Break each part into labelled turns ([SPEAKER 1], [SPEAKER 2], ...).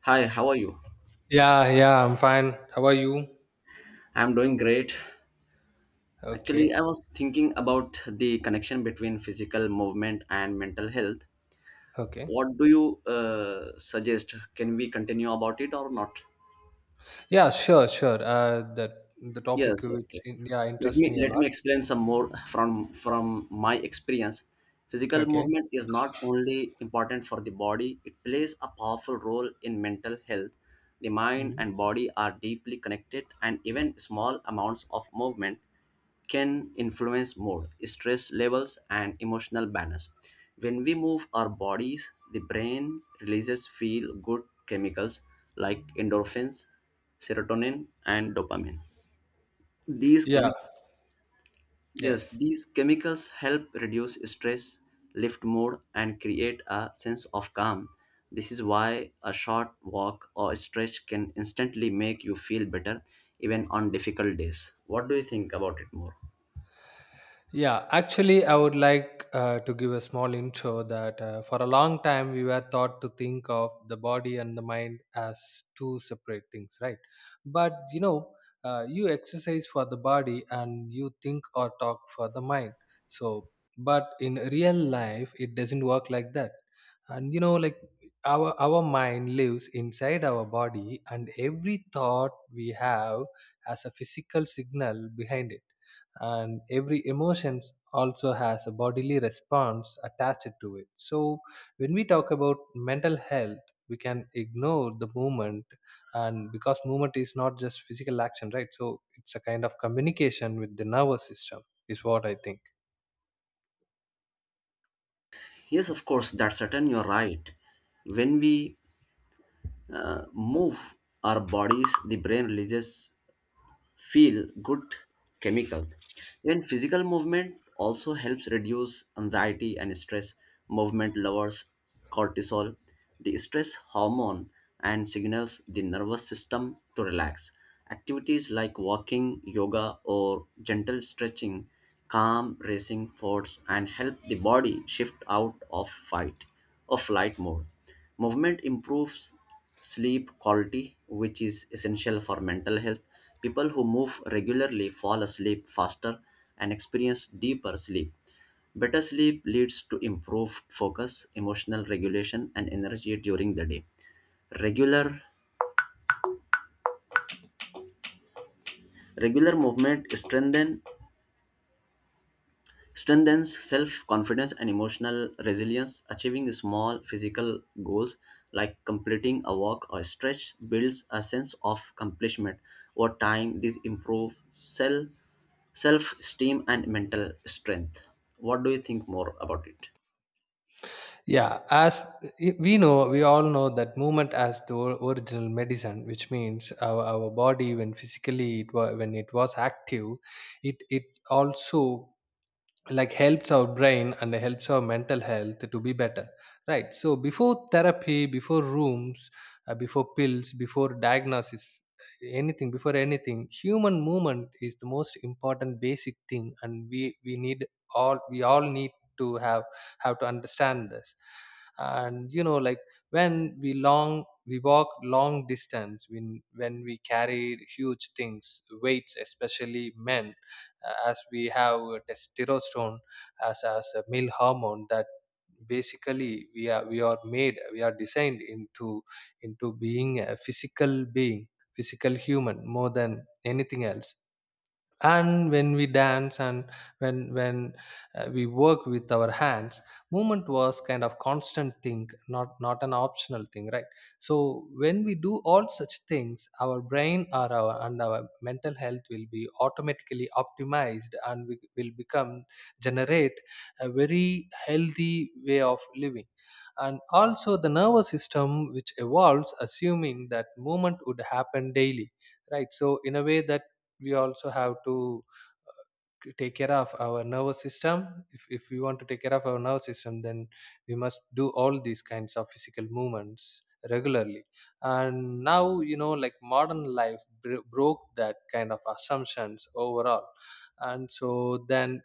[SPEAKER 1] Hi, how are you?
[SPEAKER 2] Yeah, yeah, I'm fine. How are you?
[SPEAKER 1] I'm doing great. Actually,
[SPEAKER 2] Okay,
[SPEAKER 1] I was thinking about the connection between physical movement and mental health.
[SPEAKER 2] okay.
[SPEAKER 1] What do you suggest? Can we continue about it or not?
[SPEAKER 2] Yeah, sure, sure. That the topic
[SPEAKER 1] Yes,
[SPEAKER 2] which
[SPEAKER 1] okay.
[SPEAKER 2] in, yeah,
[SPEAKER 1] Let me
[SPEAKER 2] interests me a
[SPEAKER 1] let
[SPEAKER 2] lot.
[SPEAKER 1] me explain some more from my experience. Physical
[SPEAKER 2] Okay.
[SPEAKER 1] movement is not only important for the body, it plays a powerful role in mental health. The mind
[SPEAKER 2] Mhm.
[SPEAKER 1] and body are deeply connected and even small amounts of movement can influence mood, stress levels, and emotional balance. When we move our bodies, the brain releases feel good chemicals like endorphins, serotonin, and dopamine. These
[SPEAKER 2] Yeah.
[SPEAKER 1] chemi- yes,
[SPEAKER 2] Yes.
[SPEAKER 1] these chemicals help reduce stress, lift mood, and create a sense of calm. This is why a short walk or stretch can instantly make you feel better even on difficult days. What do you think about it more?
[SPEAKER 2] Yeah, actually, I would like to give a small intro that for a long time we were taught to think of the body and the mind as two separate things, right? But you know, you exercise for the body and you think or talk for the mind. So, but in real life, it doesn't work like that. And you know, like our mind lives inside our body, and every thought we have has a physical signal behind it, and every emotions also has a bodily response attached to it. So when we talk about mental health, we can ignore the movement. And because movement is not just physical action, right, so it's a kind of communication with the nervous system is what I think.
[SPEAKER 1] Yes, of course, that's certain you're right. When we move our bodies, the brain releases feel good chemicals. Even physical movement also helps reduce anxiety and stress. Movement lowers cortisol, the stress hormone, and signals the nervous system to relax. Activities like walking, yoga, or gentle stretching calm racing thoughts and help the body shift out of fight or flight mode. Movement improves sleep quality, which is essential for mental health. People who move regularly fall asleep faster and experience deeper sleep. Better sleep leads to improved focus, emotional regulation, and energy during the day. Regular regular movement strengthens self confidence and emotional resilience. Achieving small physical goals like completing a walk or stretch builds a sense of accomplishment. Over time, this improves self esteem and mental strength. What do you think more about it?
[SPEAKER 2] Yeah, we know, we all know that movement as the original medicine, which means our body, when physically it was, when it was active, it also, like, helps our brain and helps our mental health to be better, right? So before therapy, before rooms, before pills, before diagnosis, anything, before anything, human movement is the most important basic thing, and we need, all we all need to have to understand this. And you know, like, when we long, we walk long distance, when we carry huge things, weights, especially men, as we have testosterone as a male hormone, that basically we are, we are made, we are designed into being a physical being, physical human, more than anything else. And when we dance, and when we work with our hands, movement was kind of constant thing, not an optional thing, right? So when we do all such things, our brain or our, and our mental health will be automatically optimized, and we will become, generate a very healthy way of living. And also the nervous system, which evolves assuming that movement would happen daily, right? So in a way that we also have to uh, take care of our nervous system. If we want to take care of our nervous system, then we must do all these kinds of physical movements regularly. And now, you know, like modern life broke that kind of assumptions overall. And so then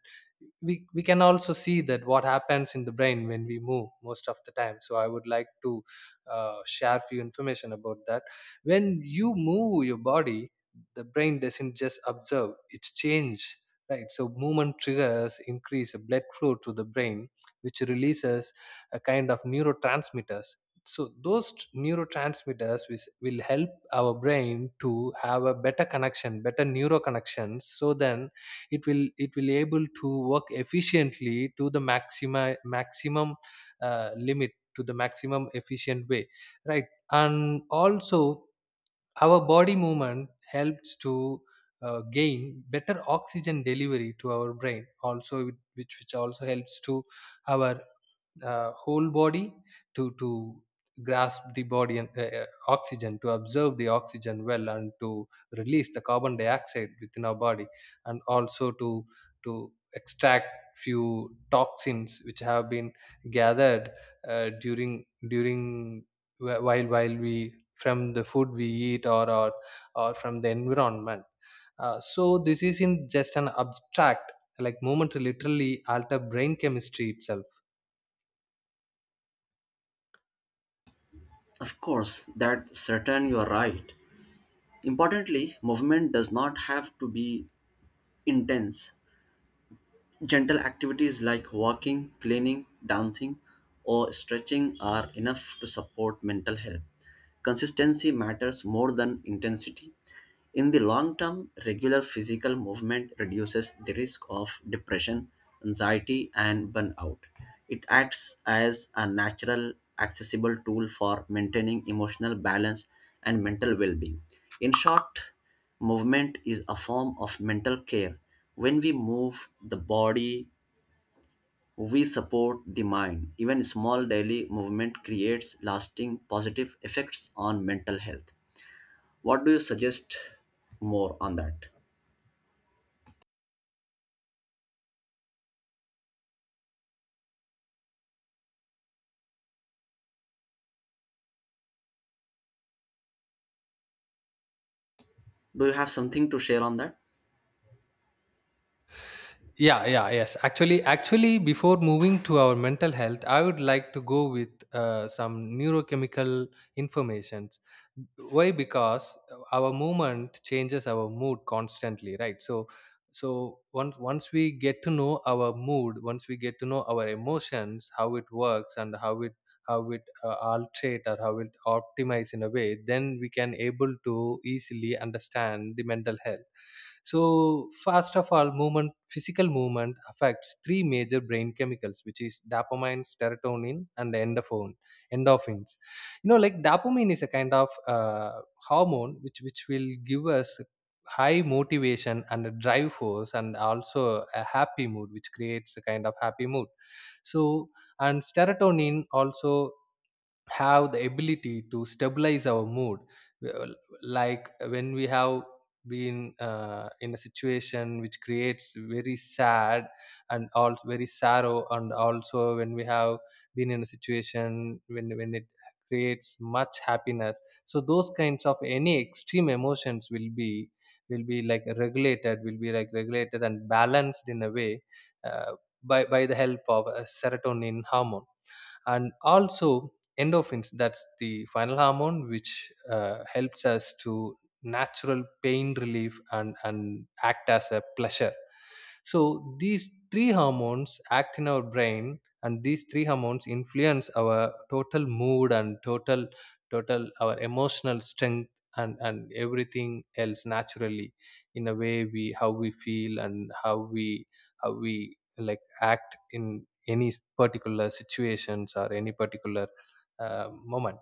[SPEAKER 2] we can also see that what happens in the brain when we move most of the time. So I would like to share few information about that. When you move your body, the brain doesn't just observe, it's change, right? So movement triggers increase blood flow to the brain, which releases a kind of neurotransmitters. So those neurotransmitters, which will help our brain to have a better connection, better neuro connections. So then it will able to work efficiently to the maxima maximum limit, to the maximum efficient way, right? And also our body movement helps to gain better oxygen delivery to our brain also, which also helps to our whole body to grasp the body and oxygen, to observe the oxygen well, and to release the carbon dioxide within our body, and also to extract few toxins which have been gathered uh, during during, while we, from the food we eat, or from the environment. Uh, so this isn't just an abstract, like movement literally alter brain chemistry itself.
[SPEAKER 1] Of course, that certain you are right. Importantly, movement does not have to be intense. Gentle activities like walking, planing, dancing, or stretching are enough to support mental health. Consistency matters more than intensity. In the long term, regular physical movement reduces the risk of depression, anxiety, and burnout. It acts as a natural, accessible tool for maintaining emotional balance and mental well being. In short, movement is a form of mental care. When we move the body, we support the mind. Even small daily movement creates lasting positive effects on mental health. What do you suggest more on that? Do you have something to share on that?
[SPEAKER 2] Yeah, yeah, yes, actually, actually, before moving to our mental health, I would like to go with some neurochemical informations. Why? Because our movement changes our mood constantly, right? So so once we get to know our mood, once we get to know our emotions, how it works and how it alterate, or how it optimize in a way, then we can able to easily understand the mental health. So first of all, movement, physical movement affects three major brain chemicals, which is dopamine, serotonin, and endorphin, endorphins. You know, like dopamine is a kind of hormone, which will give us high motivation and a drive force, and also a happy mood, which creates a kind of happy mood. So, and serotonin also have the ability to stabilize our mood. Uh, like, when we have been in a situation which creates very sad, and also very sorrow, and also when we have been in a situation when it creates much happiness, so those kinds of any extreme emotions will be, will be like regulated, will be like regulated and balanced in a way uh, by the help of a serotonin hormone. And also endorphins, that's the final hormone which helps us to natural pain relief, and act as a pleasure. So these three hormones act in our brain, and these three hormones influence our total mood, and total, total our emotional strength, and everything else naturally, in a way we how we feel, and how we like act in any particular situations, or any particular moment.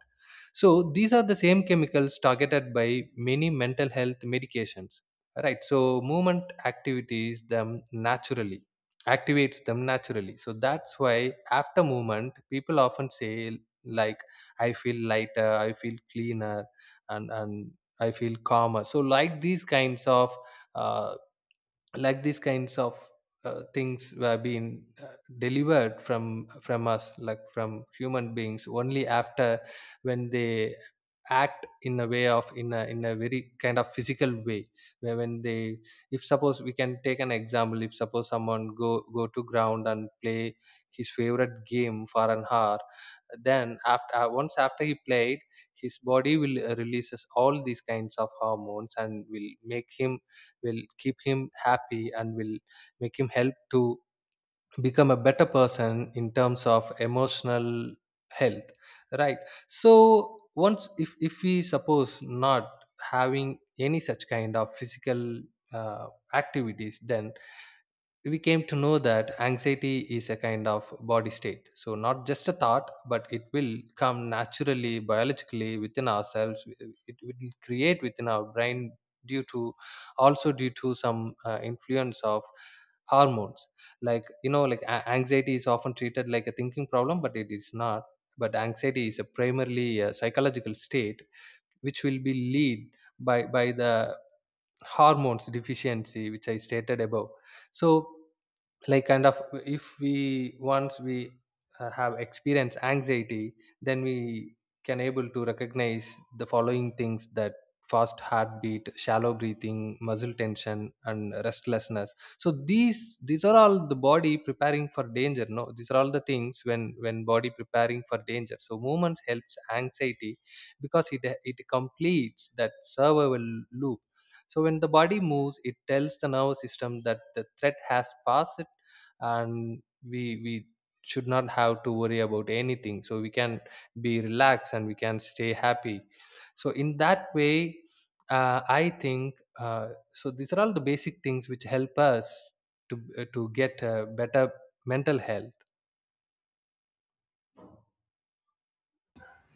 [SPEAKER 2] So these are the same chemicals targeted by many mental health medications. Right. So movement activities them naturally, activates them naturally. So that's why after movement, people often say like, "I feel lighter," "I feel cleaner," and I feel calmer. So like these kinds of uh, like these kinds of things were being delivered from us, like from human beings, only after when they act in a way of, in a, in a very kind of physical way, where when they, if suppose we can take an example, if suppose someone go to ground and play his favorite game for an hour, then after, once after he played, his body will releases all these kinds of hormones, and will make him, will keep him happy, and will make him help to become a better person in terms of emotional health, right? So once, if we suppose not having any such kind of physical uh, activities, then we came to know that anxiety is a kind of body state, so not just a thought, but it will come naturally, biologically within ourselves. It will create within our brain, due to, also due to some influence of hormones. Like, you know, like anxiety is often treated like a thinking problem, but it is not. But anxiety is a primarily a psychological state, which will be lead by the hormones deficiency, which I stated above. So like kind of, if we, once we have experienced anxiety, then we can able to recognize the following things, that fast heartbeat, shallow breathing, muscle tension, and restlessness. So these are all the body preparing for danger, no, these are all the things when body preparing for danger. So movements helps anxiety, because it completes that survival loop. So when the body moves, it tells the nervous system that the threat has passed, and we should not have to worry about anything, so we can be relaxed and we can stay happy. So in that way, I think, so these are all the basic things which help us to get better mental health.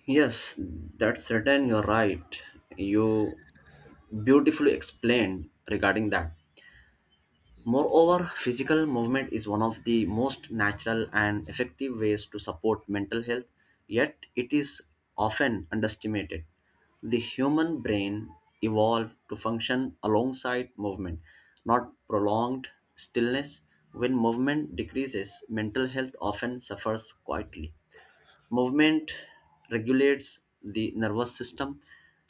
[SPEAKER 1] Yes, that's certain. You're right. You beautifully explained regarding that. Moreover, physical movement is one of the most natural and effective ways to support mental health, yet, it is often underestimated. The human brain evolved to function alongside movement, not prolonged stillness. When movement decreases, mental health often suffers quietly. Movement regulates the nervous system.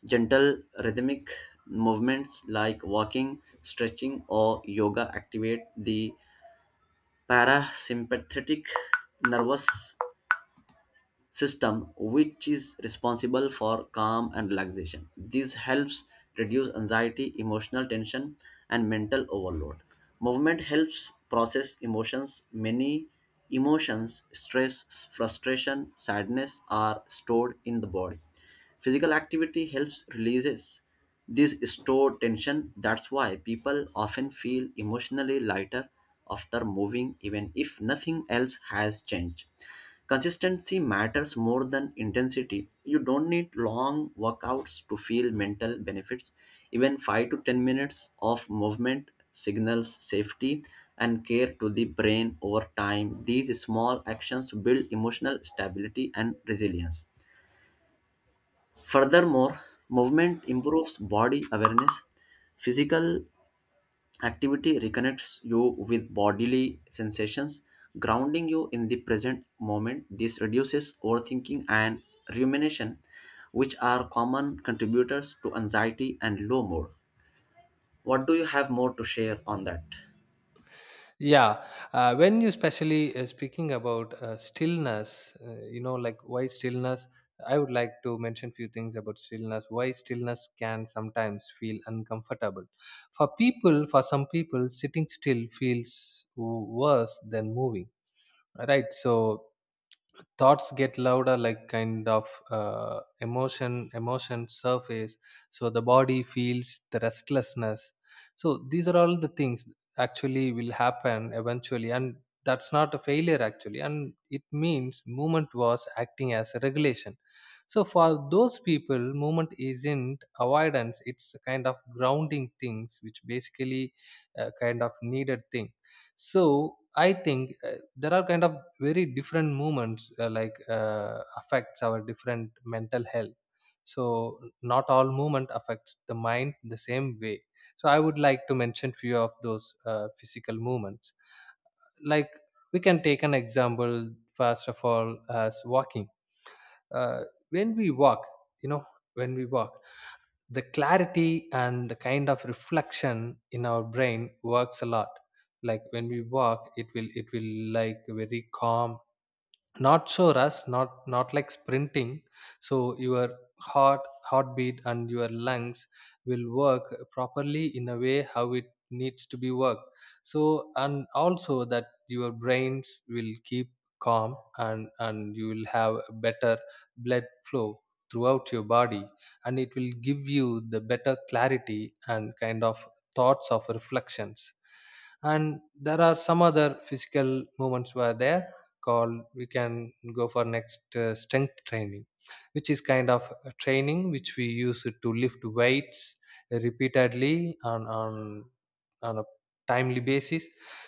[SPEAKER 1] Gentle rhythmic movements like walking, stretching, or yoga activate the parasympathetic nervous system which is responsible for calm and relaxation. This helps reduce anxiety, emotional tension, and mental overload. Movement helps process emotions. Many emotions, stress, frustration, sadness are stored in the body. Physical activity helps releases this stored tension. That's why people often feel emotionally lighter after moving, even if nothing else has changed. Consistency matters more than intensity. You don't need long workouts to feel mental benefits. Even 5 to 10 minutes of movement signals safety and care to the brain over time. These small actions build emotional stability and resilience. Furthermore, movement improves body awareness. Physical activity reconnects you with bodily sensations, grounding you in the present moment. This reduces overthinking and rumination, which are common contributors to anxiety and low mood. What do you have more to share on that?
[SPEAKER 2] Yeah, when you specially speaking about stillness, you know, like why stillness, I would like to mention few things about stillness. Why stillness can sometimes feel uncomfortable. For people, for some people, sitting still feels worse than moving. Right, so thoughts get louder, like kind of emotion surface, so the body feels the restlessness. So these are all the things actually will happen eventually, and that's not a failure actually, and it means movement was acting as a regulation. So for those people, movement isn't avoidance, it's a kind of grounding things, which basically a kind of needed thing. So I think there are kind of very different movements like affects our different mental health. So not all movement affects the mind the same way. So I would like to mention few of those physical movements. Like, we can take an example, first of all, as walking. Uh, when we walk, you know, when we walk, the clarity and the kind of reflection in our brain works a lot like when we walk it will like very calm, not so rush, not like sprinting. So your heartbeat and your lungs will work properly in a way how it needs to be worked. So and also that your brains will keep calm, and you will have better blood flow throughout your body, and it will give you the better clarity and kind of thoughts of reflections. And there are some other physical movements were there called, we can go for next strength training, which is kind of a training which we use it to lift weights repeatedly on a timely basis.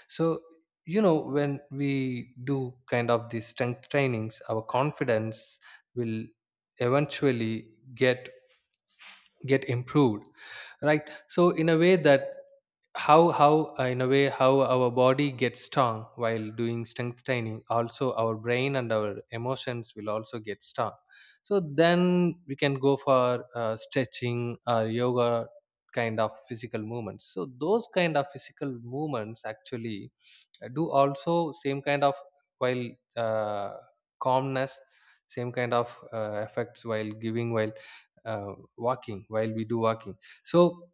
[SPEAKER 2] So you know, when we do kind of these strength trainings, our confidence will eventually get get improved, right? So in a way that how in a way how our body gets strong while doing strength training, also our brain and our emotions will also get strong. So then we can go for stretching or yoga kind of physical movements. So those kind of physical movements actually do also same kind of, while uh, calmness, same kind of effects while giving, while walking, while we do walking. So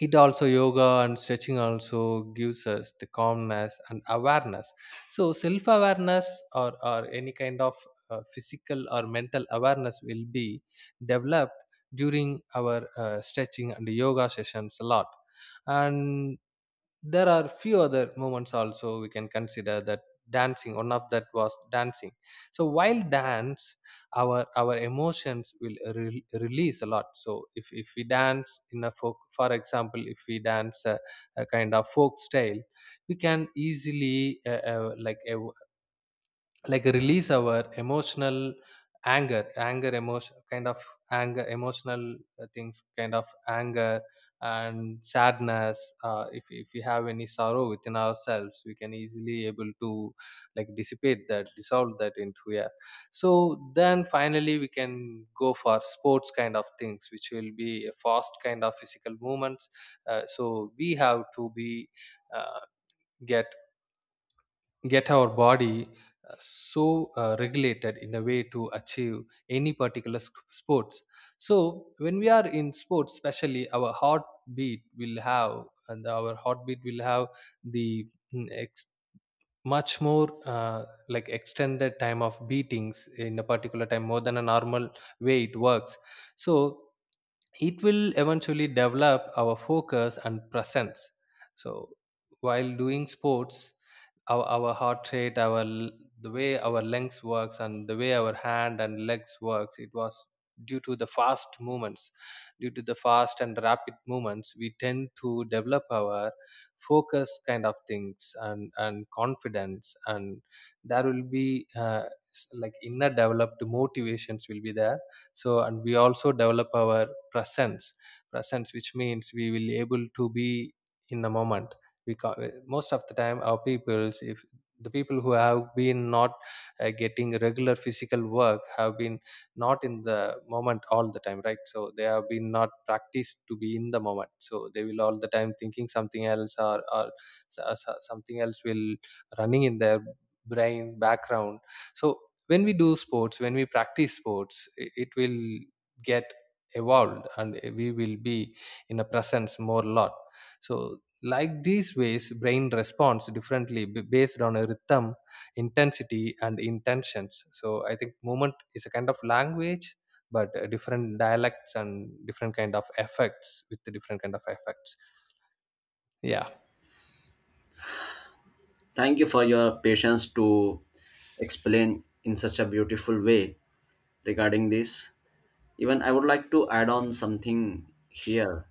[SPEAKER 2] it also yoga and stretching also gives us the calmness and awareness. So self awareness, or any kind of physical or mental awareness will be developed during our stretching and yoga sessions a lot. And there are few other moments also we can consider that. Dancing, one of that was dancing. So while dance, our emotions will release a lot. So if we dance in a folk, for example, if we dance a kind of folk style, we can easily like like release our emotional anger emotion kind of anger emotional things kind of anger and sadness. If we have any sorrow within ourselves, we can easily able to like dissipate that, dissolve that into air. So then finally we can go for sports kind of things, which will be a fast kind of physical movements. So we have to be, uh, get get our body regulated in a way to achieve any particular sports. So when we are in sports especially, our heartbeat will have the mm, ex- much more like extended time of beatings in a particular time more than a normal way it works. So it will eventually develop our focus and presence. So while doing sports, our heart rate, our the way our lungs works and the way our hand and legs works, it was due to the fast movements, due to the fast and rapid movements, we tend to develop our focus kind of things, and confidence. And there will be like inner developed motivations will be there. So and we also develop our presence. Presence, which means we will able to be in the moment, because most of the time our peoples, if the people who have been not getting regular physical work have been not in the moment all the time, right? So they have been not practiced to be in the moment, so they will all the time thinking something else, or something else will running in their brain background. So when we do sports, when we practice sports, it will get evolved, and we will be in a presence more lot. So like these ways brain responds differently, based on a rhythm, intensity and intentions. So I think movement is a kind of language but different dialects and different kind of effects, with the different kind of effects. Yeah.
[SPEAKER 1] Thank you for your patience to explain in such a beautiful way regarding this. Even I would like to add on something here.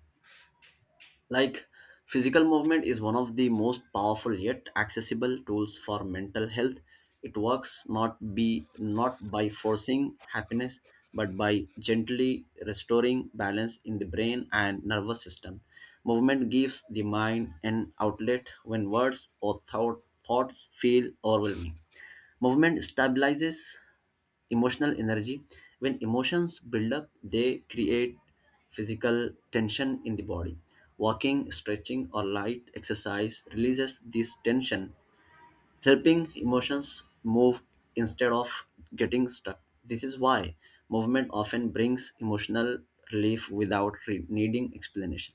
[SPEAKER 1] Like, physical movement is one of the most powerful yet accessible tools for mental health. It works not by forcing happiness, but by gently restoring balance in the brain and nervous system. Movement gives the mind an outlet when thoughts feel overwhelming. Movement stabilizes emotional energy. When emotions build up, they create physical tension in the body. Walking, stretching, or light exercise releases this tension, helping emotions move instead of getting stuck. This is why movement often brings emotional relief without needing explanation.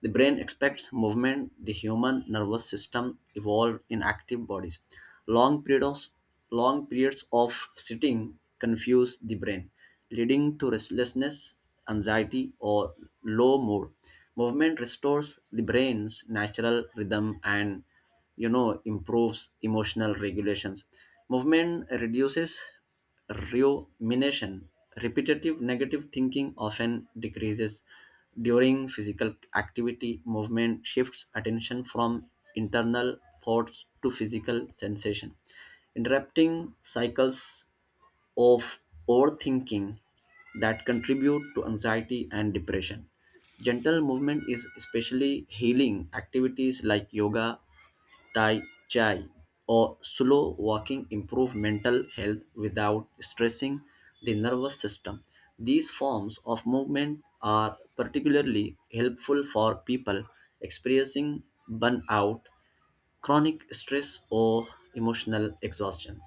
[SPEAKER 1] The brain expects movement. The human nervous system evolved in active bodies. Long periods, Long periods of sitting confuse the brain, leading to restlessness, anxiety, or low mood. Movement restores the brain's natural rhythm and improves emotional regulations. Movement reduces rumination. Repetitive negative thinking often decreases during physical activity. Movement shifts attention from internal thoughts to physical sensation, interrupting cycles of overthinking that contribute to anxiety and depression. Gentle movement is especially healing. Activities like yoga, Tai Chi, or slow walking improve mental health without stressing the nervous system. These forms of movement are particularly helpful for people experiencing burnout, chronic stress, or emotional exhaustion.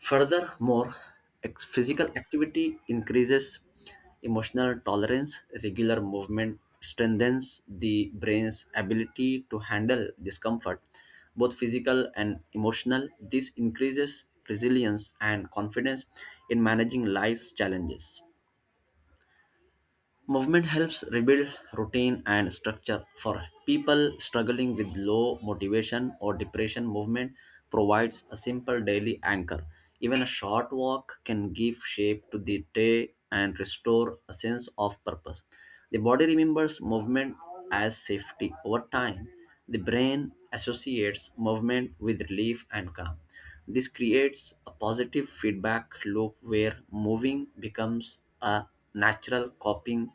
[SPEAKER 1] Furthermore, physical activity increases emotional tolerance. Regular movement strengthens the brain's ability to handle discomfort, both physical and emotional. This increases resilience and confidence in managing life's challenges. Movement helps rebuild routine and structure. For people struggling with low motivation or depression, movement provides a simple daily anchor. Even a short walk can give shape to the day and restore a sense of purpose. The body remembers movement as safety. Over time, the brain associates movement with relief and calm. This creates a positive feedback loop where moving becomes a natural coping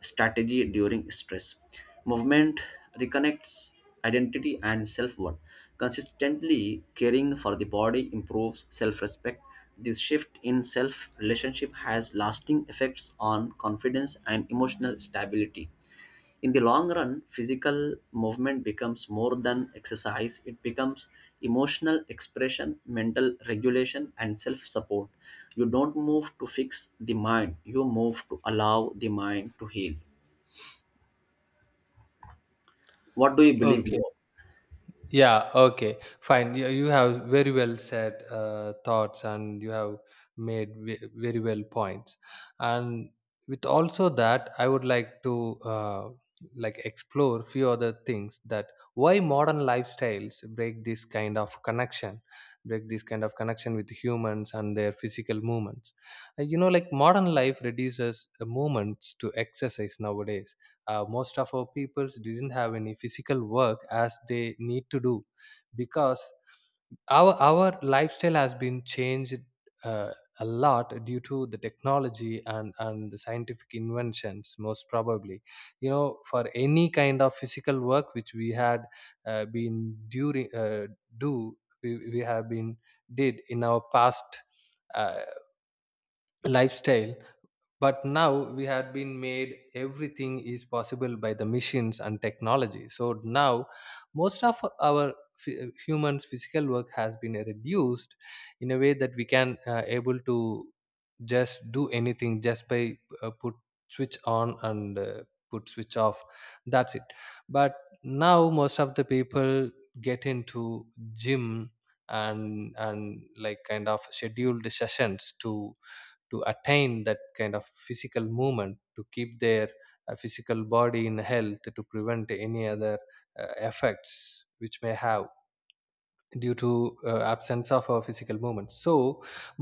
[SPEAKER 1] strategy during stress. Movement reconnects identity and self worth. Consistently caring for the body improves self respect. This shift in self relationship has lasting effects on confidence and emotional stability. In the long run, physical movement becomes more than exercise, it becomes emotional expression, mental regulation, and self support. You don't move to fix the mind, you move to allow the mind to heal. What do you believe
[SPEAKER 2] Okay.
[SPEAKER 1] more?
[SPEAKER 2] Yeah, okay, fine. You have very well said thoughts, and you have made very well points. And with also that, I would like to like explore few other things, that why modern lifestyles break this kind of connection, break this kind of connection with humans and their physical movements. You know, like modern life reduces the movements to exercise nowadays. Most of our peoples didn't have any physical work as they need to do, because our lifestyle has been changed uh, a lot due to the technology and the scientific inventions most probably. You know, for any kind of physical work which we had been during do we have been did in our past uh, lifestyle. But now we have been made everything is possible by the machines and technology, so now most of our humans physical work has been reduced in a way that we can able to just do anything, just by put switch on and put switch off, that's it. But now most of the people get into gym and like kind of scheduled sessions to attain that kind of physical movement to keep their physical body in health, to prevent any other effects which may have due to absence of our physical movement. So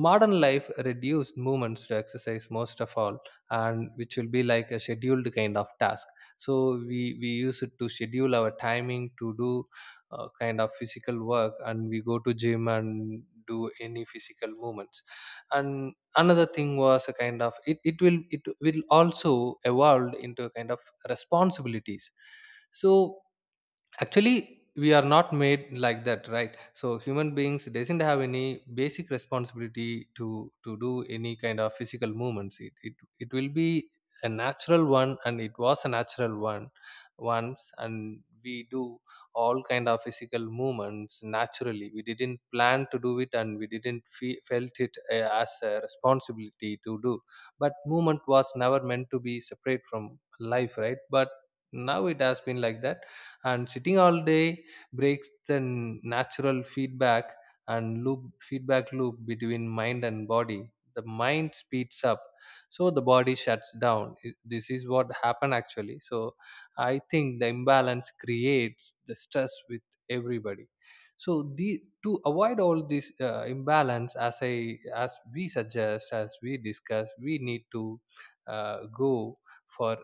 [SPEAKER 2] modern life reduced movements to exercise most of all, and which will be like a scheduled kind of task. So we use it to schedule our timing to do kind of physical work, and we go to gym and do any physical movements. And another thing was a kind of, it will also evolve into a kind of responsibilities. So actually we are not made like that, right? So human beings doesn't have any basic responsibility to do any kind of physical movements. It will be a natural one, and it was a natural one once, and we do all kind of physical movements naturally. We didn't plan to do it, and we didn't felt it as a responsibility to do. But movement was never meant to be separate from life, right? But now it has been like that. And sitting all day breaks the natural feedback and loop feedback loop between mind and body. The mind speeds up, so the body shuts down. This is what happened actually. So I think the imbalance creates the stress with everybody. So the, to avoid all this imbalance, as I as we suggest, as we discuss, we need to go for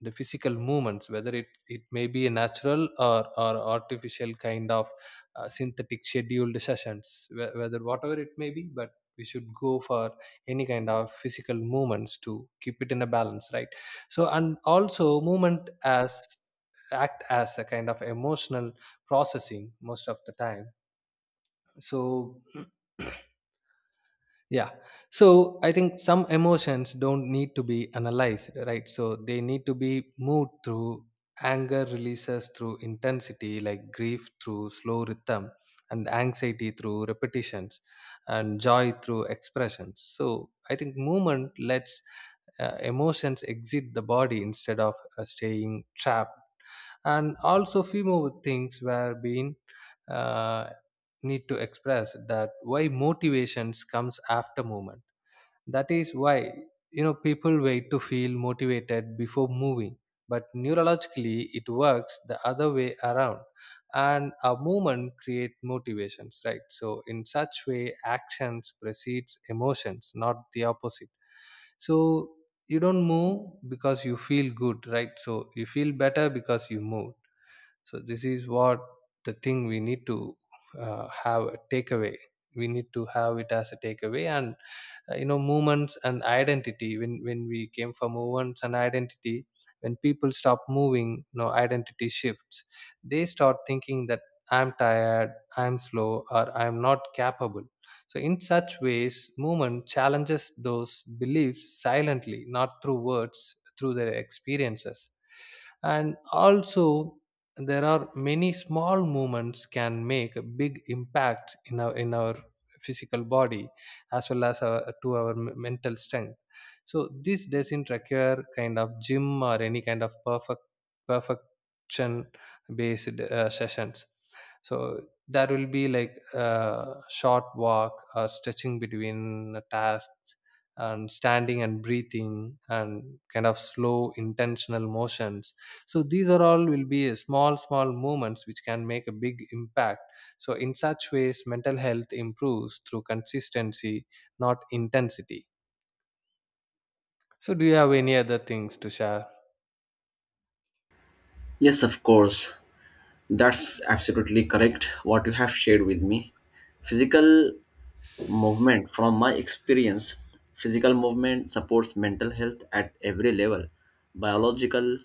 [SPEAKER 2] the physical movements, whether it may be a natural or artificial kind of synthetic scheduled sessions, whether whatever it may be, but we should go for any kind of physical movements to keep it in a balance, right? So and also movement as act as a kind of emotional processing most of the time. So yeah. So I think some emotions don't need to be analyzed, right? So they need to be moved through. Anger releases through intensity, like grief through slow rhythm, and anxiety through repetitions, and joy through expressions. So I think movement lets emotions exit the body instead of staying trapped. And also few more things were being uh, need to express, that why motivations comes after movement. That is why, you know, people wait to feel motivated before moving, but neurologically it works the other way around. And a movement create motivations, right? So in such way actions precedes emotions, not the opposite. So you don't move because you feel good, right? So you feel better because you move. So this is what the thing we need to have a takeaway, we need to have it as a takeaway. And you know, movements and identity, when we came for movements and identity, when people stop moving, you know, identity shifts. They start thinking that I'm tired, I'm slow, or I'm not capable. So in such ways movement challenges those beliefs silently, not through words, through their experiences. And also there are many small movements can make a big impact in our physical body as well as our, to our mental strength. So this doesn't require kind of gym or any kind of perfection based sessions. So that will be like a short walk or stretching between the tasks, and standing and breathing, and kind of slow intentional motions. So these are all will be a small movements which can make a big impact. So in such ways mental health improves through consistency, not intensity. So do you have any other things to share?
[SPEAKER 1] Yes, of course. That's absolutely correct what you have shared with me. Physical movement, from my experience, physical movement supports mental health at every level, biological,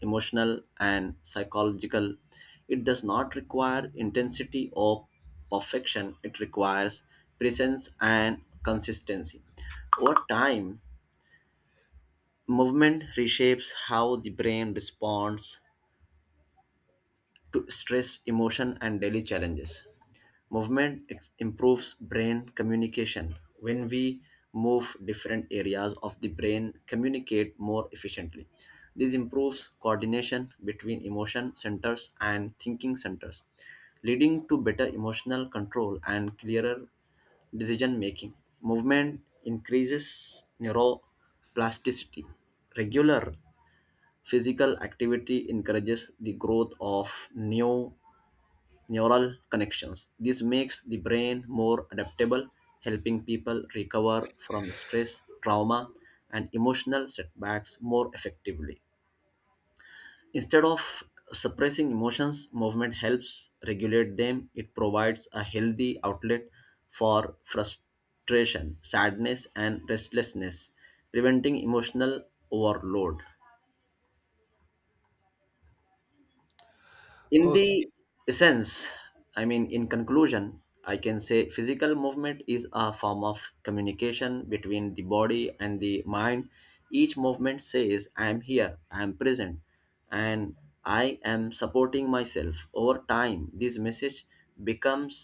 [SPEAKER 1] emotional, and psychological. It does not require intensity or perfection, it requires presence and consistency. Over time, movement reshapes how the brain responds to stress, emotion, and daily challenges. Movement improves brain communication. When we move, different areas of the brain communicate more efficiently. This improves coordination between emotion centers and thinking centers, leading to better emotional control and clearer decision making. Movement increases neuroplasticity. Regular physical activity encourages the growth of new neural connections. This makes the brain more adaptable, helping people recover from stress, trauma, and emotional setbacks more effectively. Instead of suppressing emotions, movement helps regulate them. It provides a healthy outlet for frustration, sadness, and restlessness, preventing emotional overload. In the
[SPEAKER 2] Okay.
[SPEAKER 1] essence, I mean in conclusion, I can say physical movement is a form of communication between the body and the mind. Each movement says, I am here, I am present, and I am supporting myself. Over time, this message becomes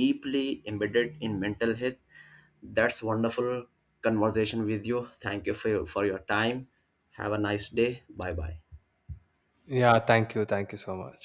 [SPEAKER 1] deeply embedded in mental health. That's wonderful conversation with you. Thank you for for your time. Have a nice day. Bye bye.
[SPEAKER 2] Yeah, thank you, thank you so much.